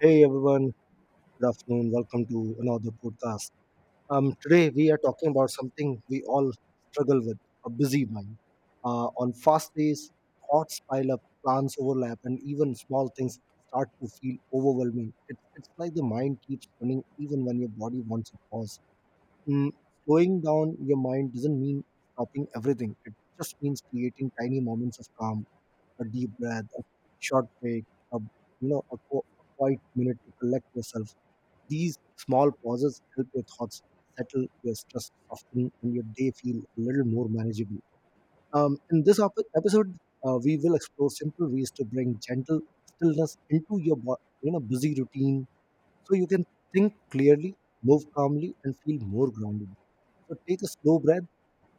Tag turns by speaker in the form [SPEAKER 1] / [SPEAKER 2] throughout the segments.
[SPEAKER 1] Hey everyone, good afternoon. Welcome to another podcast. Today we are talking about something we all struggle with: a busy mind. On fast days, thoughts pile up, plans overlap, and even small things start to feel overwhelming. It's like the mind keeps running even when your body wants a pause. Mm, Slowing down your mind doesn't mean stopping everything. It just means creating tiny moments of calm, a deep breath, a short break, a you know a, qu- a quiet minute to collect yourself. These small pauses help your thoughts settle, your stress soften, and your day feel a little more manageable. In this episode, we will explore simple ways to bring gentle stillness into your busy routine, so you can think clearly, move calmly, and feel more grounded. So take a slow breath,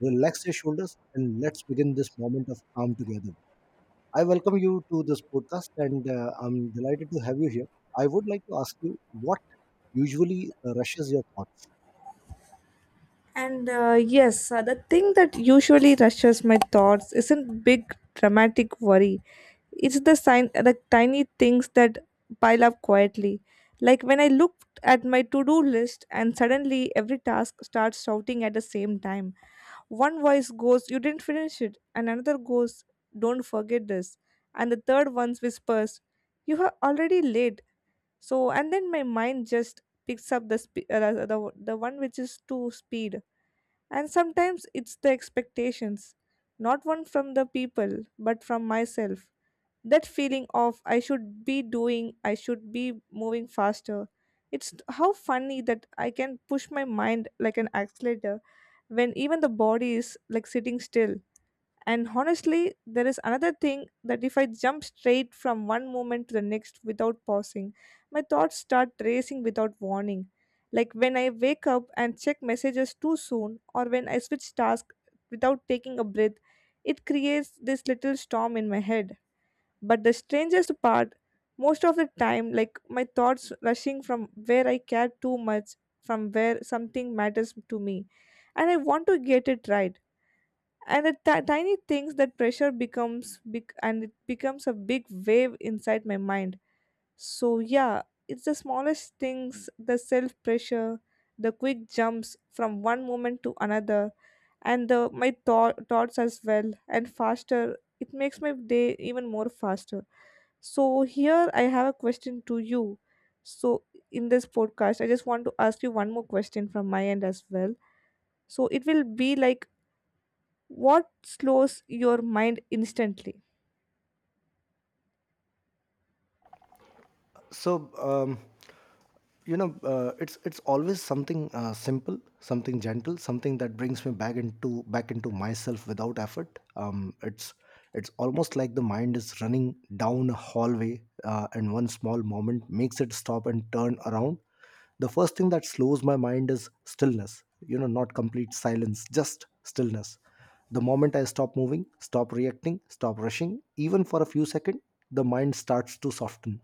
[SPEAKER 1] relax your shoulders, and let's begin this moment of calm together. I welcome you to this podcast, and I'm delighted to have you here. I would like to ask you what usually rushes your thoughts.
[SPEAKER 2] The thing that usually rushes my thoughts isn't big dramatic worry. It's the sign, the tiny things that pile up quietly. Like when I looked at my to-do list and suddenly every task starts shouting at the same time. One voice goes, "You didn't finish it," and another goes, "Don't forget this," and the third one whispers, "You are already late." So, and then my mind just picks up the the one which is too speed, and sometimes it's the expectations, not one from the people, but from myself. That feeling of I should be doing, I should be moving faster. It's how funny that I can push my mind like an accelerator when even the body is like sitting still. And honestly, there is another thing that if I jump straight from one moment to the next without pausing, my thoughts start racing without warning. Like when I wake up and check messages too soon, or when I switch tasks without taking a breath, it creates this little storm in my head. But the strangest part, most of the time, like my thoughts rushing from where I care too much, from where something matters to me, and I want to get it right, and the tiny things, that pressure becomes big and it becomes a big wave inside my mind. So yeah, it's the smallest things, the self pressure, the quick jumps from one moment to another, and the my thoughts as well, and faster, it makes my day even more faster. So here I have a question to you. So in this podcast I just want to ask you one more question from my end as well. So it will be like, what slows your mind instantly?
[SPEAKER 1] so um, it's always something simple, something gentle, something that brings me back into myself without effort. It's almost like the mind is running down a hallway, and one small moment makes it stop and turn around. The first thing that slows my mind is stillness, you know, not complete silence, just stillness. The moment I stop moving, stop reacting, stop rushing, even for a few seconds, the mind starts to soften.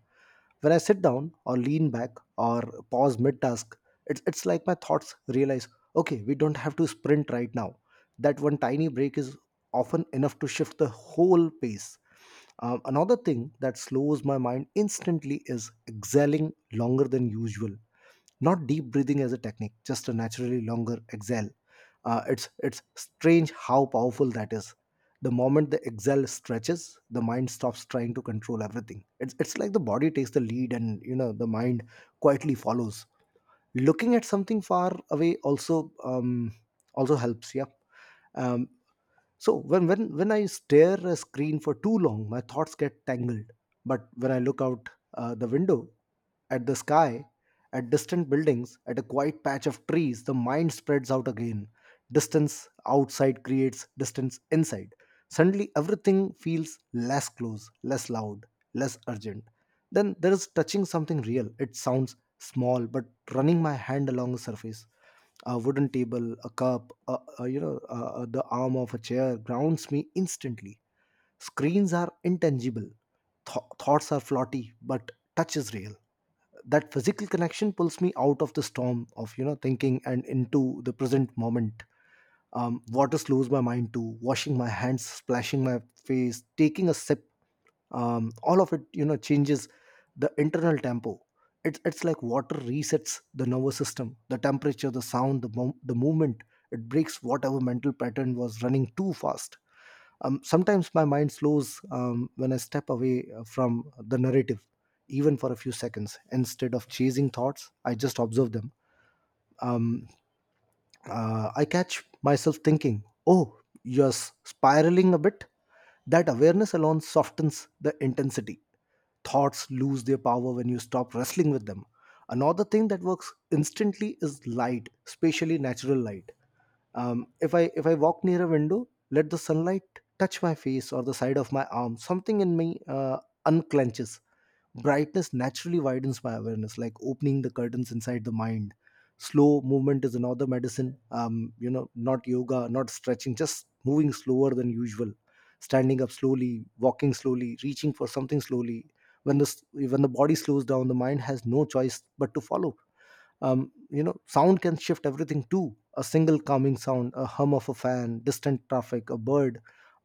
[SPEAKER 1] When I sit down or lean back or pause mid task, it's like my thoughts realize, okay, we don't have to sprint right now. That one tiny break is often enough to shift the whole pace. Another thing that slows my mind instantly is exhaling longer than usual. Not deep breathing as a technique, just a naturally longer exhale. It's strange how powerful that is. The moment the exhale stretches, the mind stops trying to control everything. It's like the body takes the lead, and the mind quietly follows. Looking at something far away also helps. Yeah, um, so when I stare a screen for too long, my thoughts get tangled. But when I look out the window, at the sky, at distant buildings, at a quiet patch of trees, the mind spreads out again. Distance outside creates distance inside. Suddenly, everything feels less close, less loud, less urgent. Then there is touching something real. It sounds small, but running my hand along a surface, a wooden table, a cup, a, you know, a- the arm of a chair grounds me instantly. Screens are intangible. Thoughts are floaty, but touch is real. That physical connection pulls me out of the storm of thinking and into the present moment. Water slows my mind too. Washing my hands, splashing my face, taking a sip, all of it, changes the internal tempo. It's like water resets the nervous system, the temperature, the sound, the movement. It breaks whatever mental pattern was running too fast. Sometimes my mind slows when I step away from the narrative, even for a few seconds. Instead of chasing thoughts, I just observe them um, uh, i catch myself thinking, oh, you're spiraling a bit. That awareness alone softens the intensity. Thoughts lose their power when you stop wrestling with them. Another thing that works instantly is light, especially natural light. If I walk near a window, let the sunlight touch my face or the side of my arm. Something in me unclenches. Brightness naturally widens my awareness, like opening the curtains inside the mind. Slow movement is another medicine. Not yoga, not stretching, just moving slower than usual, standing up slowly, walking slowly, reaching for something slowly. When the body slows down, the mind has no choice but to follow. Sound can shift everything too: a single calming sound, a hum of a fan, distant traffic, a bird.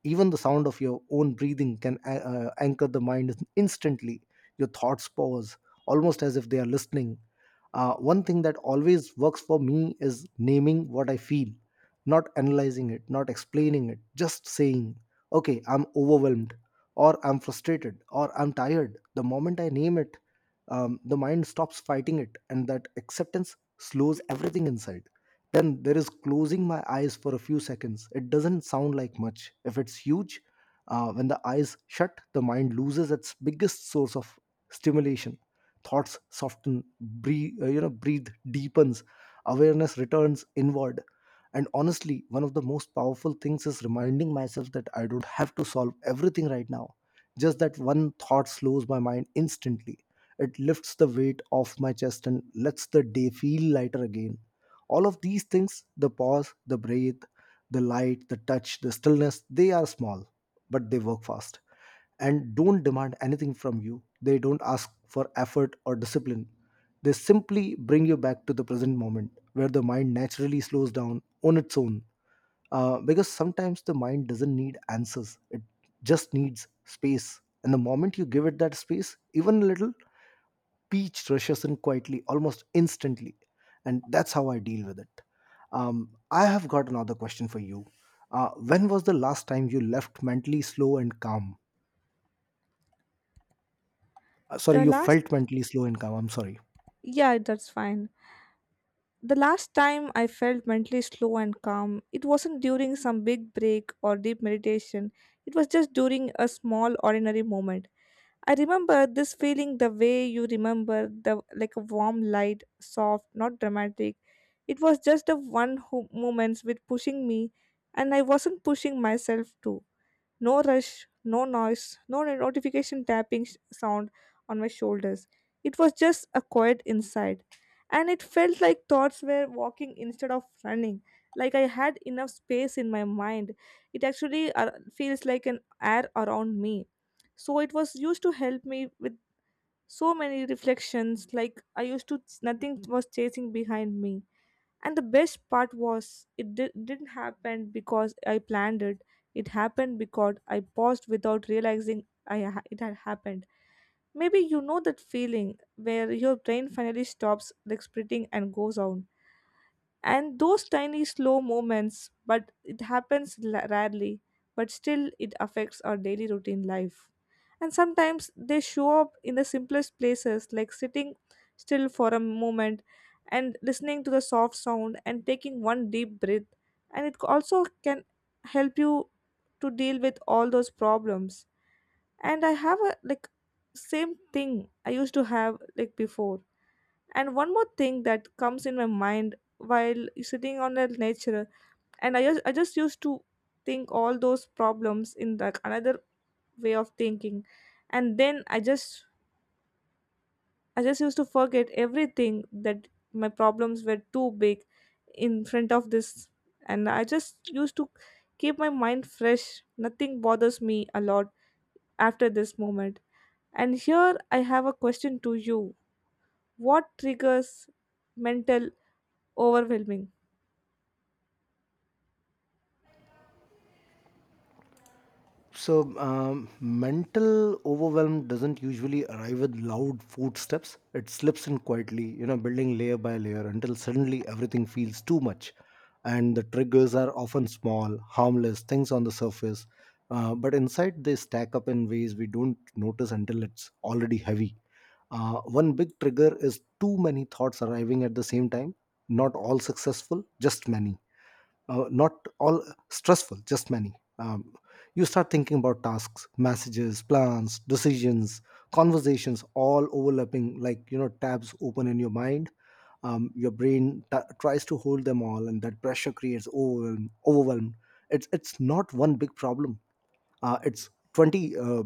[SPEAKER 1] Even the sound of your own breathing can anchor the mind instantly. Your thoughts pause, almost as if they are listening. One thing that always works for me is naming what I feel, not analyzing it, not explaining it, just saying, okay, I'm overwhelmed, or I'm frustrated, or I'm tired. The moment I name it, the mind stops fighting it, and that acceptance slows everything inside. Then there is closing my eyes for a few seconds. It doesn't sound like much, if it's huge. When the eyes shut, the mind loses its biggest source of stimulation. Thoughts soften, breathe, breathe deepens, awareness returns inward. And honestly, one of the most powerful things is reminding myself that I don't have to solve everything right now. Just that one thought slows my mind instantly. It lifts the weight off my chest and lets the day feel lighter again. All of these things, the pause, the breath, the light, the touch, the stillness, they are small, but they work fast and don't demand anything from you. They don't ask for effort or discipline. They simply bring you back to the present moment where the mind naturally slows down on its own. Because sometimes the mind doesn't need answers, it just needs space. And the moment you give it that space, even a little, peach rushes in quietly, almost instantly. And that's how I deal with it. I have got another question for you. When was the last time you left mentally slow and calm. Sorry,
[SPEAKER 2] The
[SPEAKER 1] you
[SPEAKER 2] last,
[SPEAKER 1] felt mentally slow and calm. I'm sorry.
[SPEAKER 2] yeah, that's fine. The last time I felt mentally slow and calm, it wasn't during some big break or deep meditation. It was just during a small ordinary moment. I remember this feeling the way you remember the, like a warm light, soft, not dramatic. It was just a one who moments with pushing me, and I wasn't pushing myself too. No rush, no noise, no notification tapping sound on my shoulders. It was just a quiet inside. And it felt like thoughts were walking instead of running, like I had enough space in my mind. It actually feels like an air around me. So it was used to help me with so many reflections, like I used to, nothing was chasing behind me. And the best part was, it didn't happen because I planned it. It happened because I paused without realizing I it had happened. Maybe you know that feeling where your brain finally stops like splitting and goes on, and those tiny slow moments, but it happens rarely, but still it affects our daily routine life. And sometimes they show up in the simplest places, like sitting still for a moment and listening to the soft sound and taking one deep breath. And it also can help you to deal with all those problems. And I have a, like, same thing I used to have like before. And one more thing that comes in my mind while sitting on the nature, and I just, I just used to think all those problems in like another way of thinking, and then I just, I just used to forget everything, that my problems were too big in front of this, and I just used to keep my mind fresh. Nothing bothers me a lot after this moment. And here I have a question to you: what triggers mental overwhelming?
[SPEAKER 1] So, mental overwhelm doesn't usually arrive with loud footsteps. It slips in quietly, building layer by layer until suddenly everything feels too much. And the triggers are often small, harmless things on the surface. But inside, they stack up in ways we don't notice until it's already heavy. One big trigger is too many thoughts arriving at the same time, not all successful, just many, not all stressful, just many. You start thinking about tasks, messages, plans, decisions, conversations, all overlapping like tabs open in your mind. Your brain tries to hold them all, and that pressure creates overwhelm. It's not one big problem, it's 20 uh,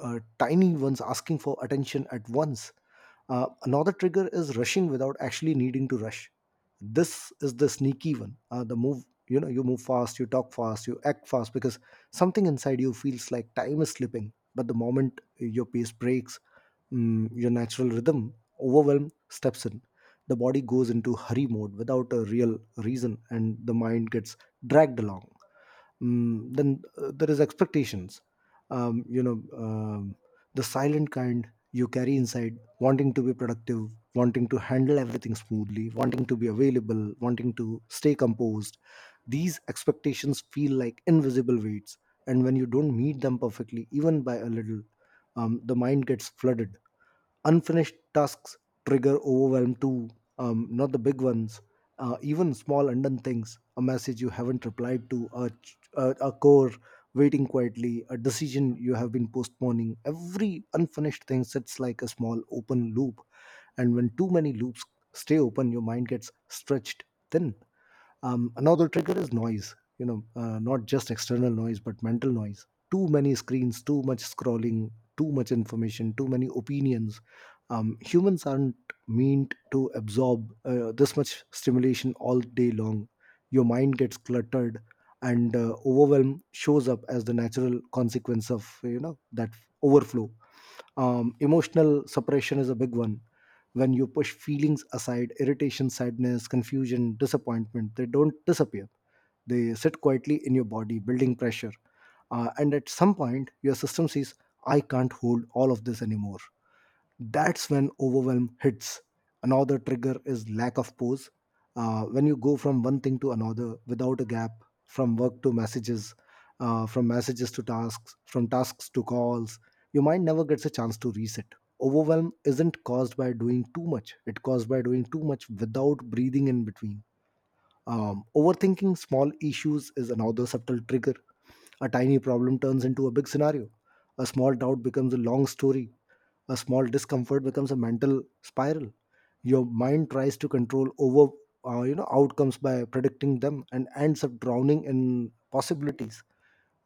[SPEAKER 1] uh, tiny ones asking for attention at once. Another trigger is rushing without actually needing to rush. This is the sneaky one. The move, you know, You move fast, you talk fast, you act fast because something inside you feels like time is slipping. But the moment your pace breaks, your natural rhythm, overwhelm steps in. The body goes into hurry mode without a real reason, and the mind gets dragged along. Then there is expectations. Um, you know, um, the silent kind you carry inside, wanting to be productive, wanting to handle everything smoothly, wanting to be available, wanting to stay composed. These expectations feel like invisible weights, and when you don't meet them perfectly, even by a little, the mind gets flooded. Unfinished tasks trigger overwhelm too, not the big ones, even small undone things, a message you haven't replied to, a core waiting quietly, a decision you have been postponing. Every unfinished thing sits like a small open loop, and when too many loops stay open, your mind gets stretched thin. Another trigger is noise, you know, not just external noise, but mental noise. Too many screens, too much scrolling, too much information, too many opinions. Humans aren't meant to absorb this much stimulation all day long. Your mind gets cluttered, and overwhelm shows up as the natural consequence of that overflow. Emotional separation is a big one. When you push feelings aside, irritation, sadness, confusion, disappointment, they don't disappear. They sit quietly in your body, building pressure. And at some point your system says, I can't hold all of this anymore. That's when overwhelm hits. Another trigger is lack of pause. When you go from one thing to another without a gap, from work to messages, from messages to tasks, from tasks to calls, your mind never gets a chance to reset. Overwhelm isn't caused by doing too much, it caused by doing too much without breathing in between. Overthinking small issues is another subtle trigger. A tiny problem turns into a big scenario. A small doubt becomes a long story. A small discomfort becomes a mental spiral. Your mind tries to control over outcomes by predicting them and ends up drowning in possibilities.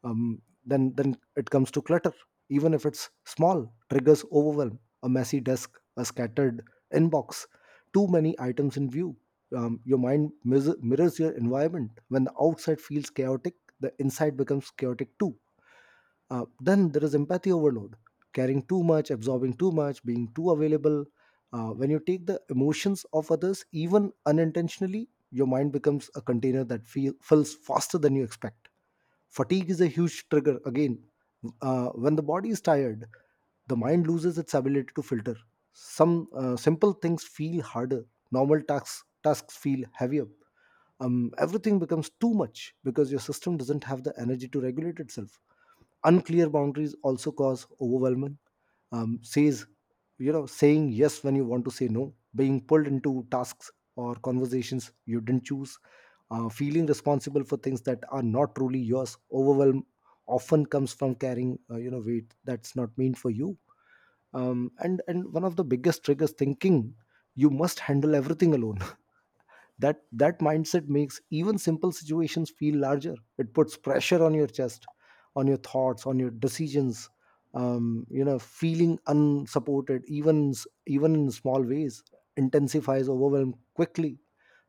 [SPEAKER 1] Then it comes to clutter, even if it's small, triggers overwhelm. A messy desk, a scattered inbox, too many items in view. Your mirrors your environment. When the outside feels chaotic, the inside becomes chaotic too. Then there is empathy overload, caring too much, absorbing too much, being too available. When you take the emotions of others, even unintentionally, your mind becomes a container that fills faster than you expect. Fatigue is a huge trigger. Again, when the body is tired, the mind loses its ability to filter. Some simple things feel harder. Normal tasks feel heavier. Everything becomes too much because your system doesn't have the energy to regulate itself. Unclear boundaries also cause overwhelming, says you know saying yes when you want to say no, being pulled into tasks or conversations you didn't choose, feeling responsible for things that are not truly yours. Overwhelm often comes from carrying weight that's not meant for you. And one of the biggest triggers, thinking you must handle everything alone. That mindset makes even simple situations feel larger. It puts pressure on your chest, on your thoughts, on your decisions. Feeling unsupported even in small ways intensifies overwhelm quickly.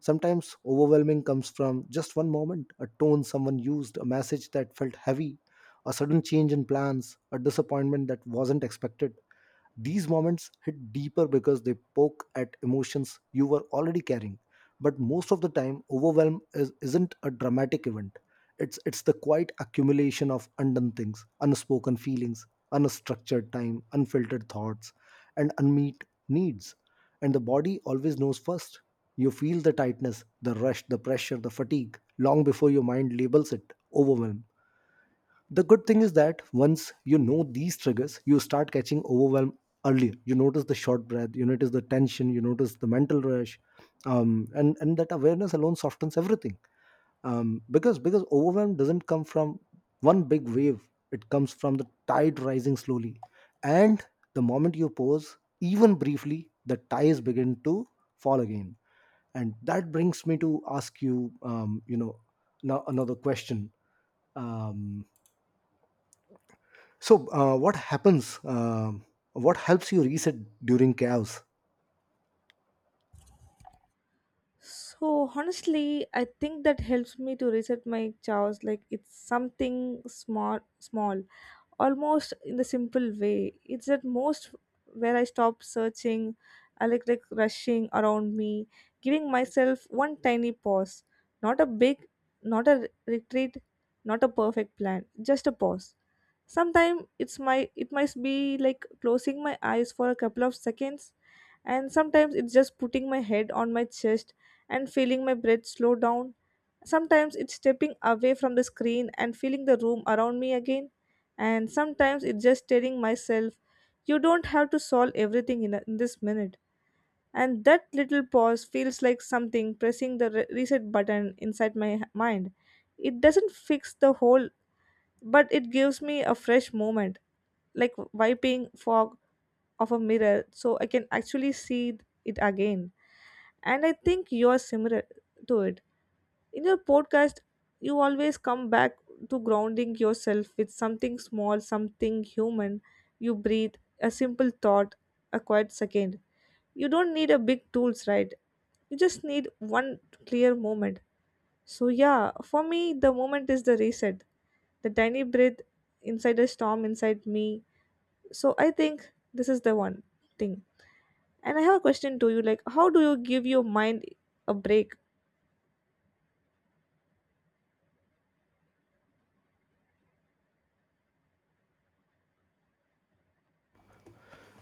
[SPEAKER 1] Sometimes overwhelming comes from just one moment, a tone someone used, a message that felt heavy, a sudden change in plans, a disappointment that wasn't expected. These moments hit deeper because they poke at emotions you were already carrying. But most of the time, isn't a dramatic event. It's the quiet accumulation of undone things, unspoken feelings, unstructured time, unfiltered thoughts, and unmet needs. And the body always knows first. You feel the tightness, the rush, the pressure, the fatigue long before your mind labels it overwhelm. The good thing is that once you know these triggers, you start catching overwhelm earlier. You notice the short breath, you notice the tension, you notice the mental rush, and that awareness alone softens everything, because overwhelm doesn't come from one big wave. It comes from the tide rising slowly, and the moment you pause, even briefly, the ties begin to fall again. And that brings me to ask you, you know now, another question. um, what happens? What helps you reset during chaos?
[SPEAKER 2] So honestly, I think that helps me to reset my chaos. Like, it's something small, small, almost in the simple way. It's at most where I stop searching, electric rushing around me, giving myself one tiny pause. Not a big, not a retreat, not a perfect plan, just a pause. Sometimes it's my, it might be like closing my eyes for a couple of seconds. And sometimes it's just putting my head on my chest and feeling my breath slow down. Sometimes it's stepping away from the screen and feeling the room around me again. And sometimes it's just telling myself, you don't have to solve everything in, a, in this minute. And that little pause feels like something pressing the reset button inside my mind. It doesn't fix the whole, but it gives me a fresh moment, like wiping fog off a mirror so I can actually see it again. And I think you're similar to it. In your podcast, you always come back to grounding yourself with something small, something human. You breathe, a simple thought, a quiet second. You don't need a big tools, right? You just need one clear moment. So yeah, for me the moment is the reset, the tiny breath inside a storm inside me. So I think this is the one thing. And I have a question to you, like, how do you give your mind a break?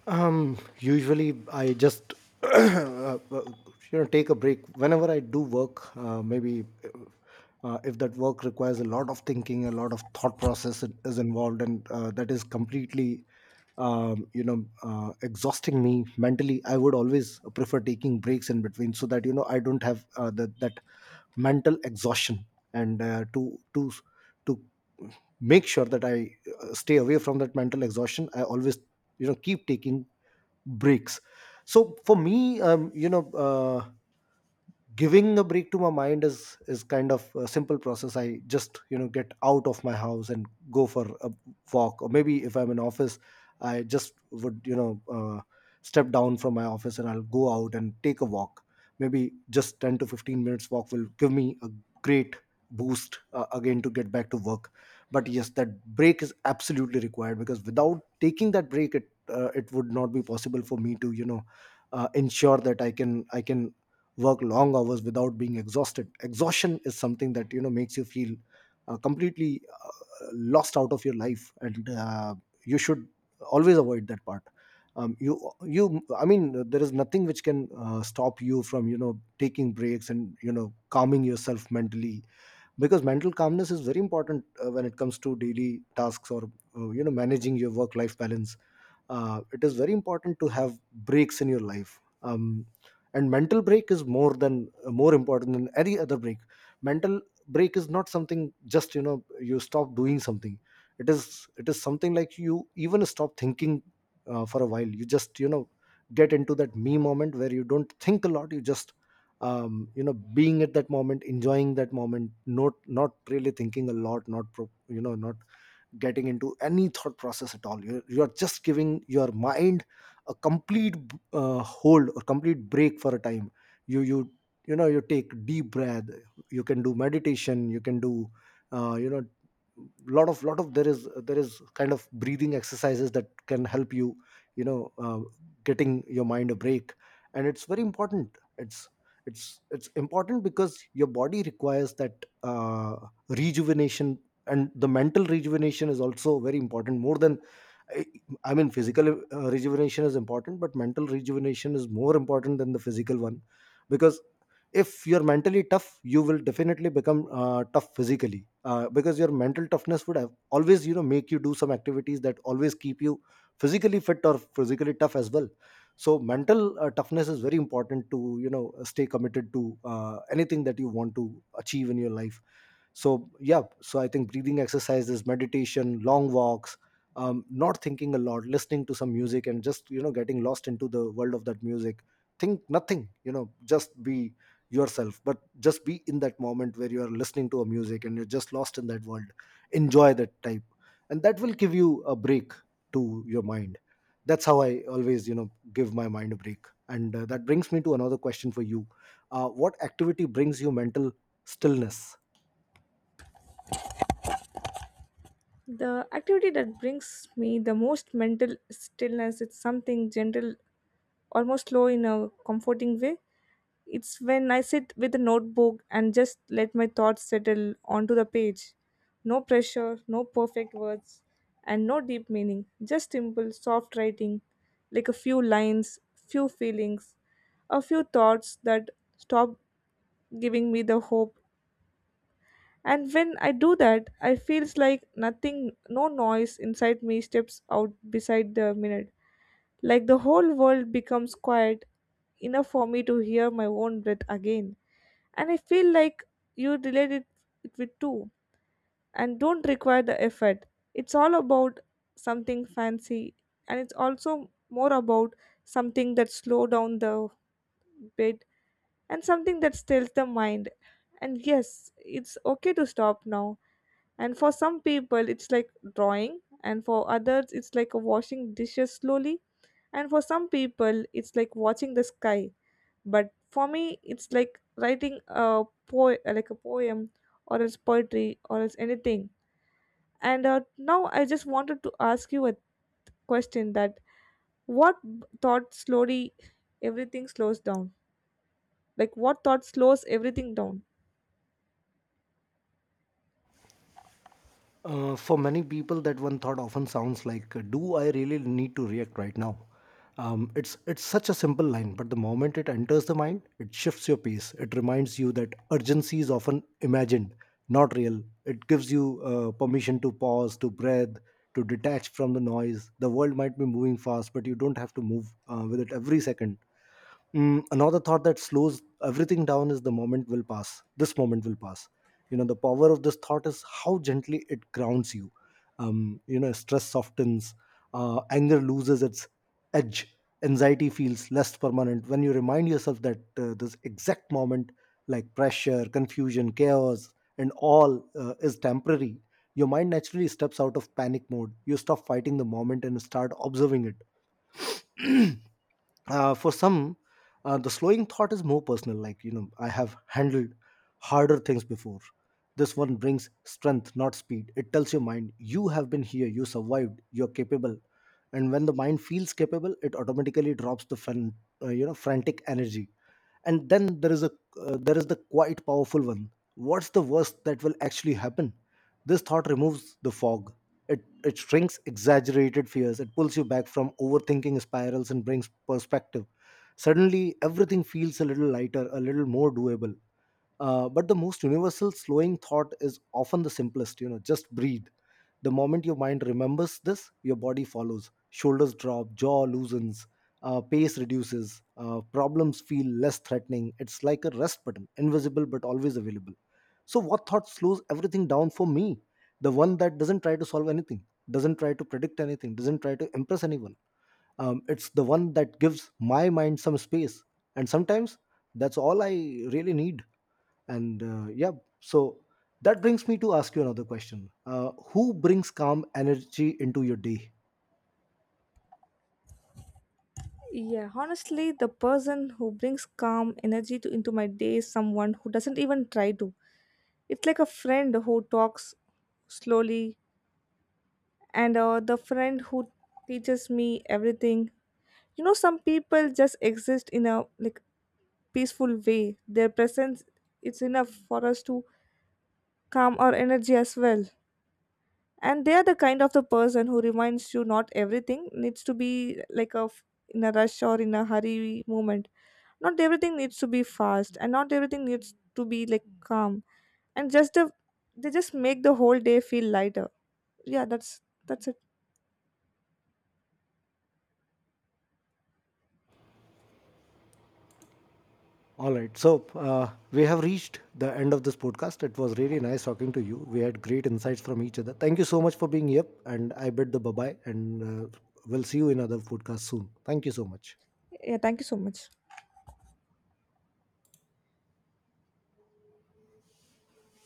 [SPEAKER 1] Usually, I just uh, take a break whenever I do work. Maybe if that work requires a lot of thinking, a lot of thought process it is involved, and that is completely exhausting me mentally. I would always prefer taking breaks in between so that you know I don't have that that mental exhaustion. And to make sure that I stay away from that mental exhaustion, I always you know keep taking breaks. So for me, giving a break to my mind is kind of a simple process. I just you know get out of my house and go for a walk, or maybe if I'm in office, I just would step down from my office and I'll go out and take a walk. Maybe just 10 to 15 minutes walk will give me a great boost, again, to get back to work. But yes, that break is absolutely required, because without taking that break it it would not be possible for me to you know ensure that I can work long hours without being exhausted. Exhaustion is something that you know makes you feel completely lost out of your life, and you should always avoid that part. You you I mean, there is nothing which can stop you from you know taking breaks and you know calming yourself mentally, because mental calmness is very important when it comes to daily tasks or managing your work life balance. It is very important to have breaks in your life, and mental break is more important than any other break. Mental break is not something just you know you stop doing something. It is something like you even stop thinking for a while. You just you know get into that me moment where you don't think a lot. You just being at that moment, enjoying that moment, not really thinking a lot, not getting into any thought process at all. You're just giving your mind a complete hold or complete break for a time. you you you know you take deep breath, you can do meditation, you can do uh, you know lot of there is kind of breathing exercises that can help you, you know, getting your mind a break. And it's very important. It's important because your body requires that rejuvenation. And the mental rejuvenation is also very important, more than i I mean physical rejuvenation is important, but mental rejuvenation is more important than the physical one. Because if you're mentally tough, you will definitely become tough physically, because your mental toughness would have always you know make you do some activities that always keep you physically fit or physically tough as well. So mental toughness is very important to you know stay committed to anything that you want to achieve in your life. So yeah, so I think breathing exercises, meditation, long walks, not thinking a lot, listening to some music and just you know getting lost into the world of that music. Think nothing, you know, just be yourself, but just be in that moment where you are listening to a music and you're just lost in that world. Enjoy that type, and that will give you a break to your mind. That's how I always you know give my mind a break. And that brings me to another question for you. What activity brings you mental stillness?
[SPEAKER 2] The activity that brings me the most mental stillness is something gentle, almost slow in a comforting way. It's when I sit with a notebook and just let my thoughts settle onto the page. No pressure, no perfect words, and no deep meaning. Just simple, soft writing, like a few lines, few feelings, a few thoughts that stop giving me the hope. And when I do that, I feels like nothing, no noise inside me steps out beside the minute, like the whole world becomes quiet enough for me to hear my own breath again. And I feel like you relate it, it with too, and don't require the effort. It's all about something fancy, and it's also more about something that slow down the bit, and something that stills the mind. And yes, it's okay to stop now. And for some people it's like drawing, and for others it's like washing dishes slowly, and for some people it's like watching the sky, but for me it's like writing a po, like a poem, or else poetry, or else anything. And now I just wanted to ask you a question that, what thought slowly everything slows down, like what thought slows everything down?
[SPEAKER 1] For many people, that one thought often sounds like, "Do I really need to react right now?" It's such a simple line, but the moment it enters the mind, it shifts your pace. It reminds you that urgency is often imagined, not real. It gives you permission to pause, to breathe, to detach from the noise. The world might be moving fast, but you don't have to move with it every second. Mm, another thought that slows everything down is, the moment will pass. This moment will pass. You know, the power of this thought is how gently it grounds you. You know, stress softens, anger loses its edge, anxiety feels less permanent. When you remind yourself that this exact moment, like pressure, confusion, chaos, and all is temporary, your mind naturally steps out of panic mode. You stop fighting the moment and start observing it. For some, the slowing thought is more personal, like, you know, I have handled harder things before. This one brings strength, not speed. It tells your mind you have been here, you survived, you're capable. And when the mind feels capable, it automatically drops the frantic energy. And then there is a there is the quite powerful one, what's the worst that will actually happen? This thought removes the fog. It it shrinks exaggerated fears. It pulls you back from overthinking spirals and brings perspective. Suddenly everything feels a little lighter, a little more doable. But the most universal slowing thought is often the simplest, you know, just breathe. The moment your mind remembers this, your body follows. Shoulders drop, jaw loosens, pace reduces, problems feel less threatening. It's like a rest button, invisible but always available. So, what thought slows everything down for me? The one that doesn't try to solve anything, doesn't try to predict anything, doesn't try to impress anyone. It's the one that gives my mind some space. And sometimes that's all I really need. And yeah, so that brings me to ask you another question. Who brings calm energy into your day?
[SPEAKER 2] Yeah, honestly, the person who brings calm energy to into my day is someone who doesn't even try to. It's like a friend who talks slowly, and the friend who teaches me everything. You know, some people just exist in a like peaceful way. Their presence, it's enough for us to calm our energy as well. And they are the kind of the person who reminds you not everything needs to be like a f-, in a rush or in a hurry moment, not everything needs to be fast and not everything needs to be like calm, and just the, they just make the whole day feel lighter. Yeah, that's it.
[SPEAKER 1] All right, so we have reached the end of this podcast. It was really nice talking to you. We had great insights from each other. Thank you so much for being here, and I bid the bye-bye. And uh, we'll see you in other podcast soon. Thank you so much.
[SPEAKER 2] Yeah, thank you so much.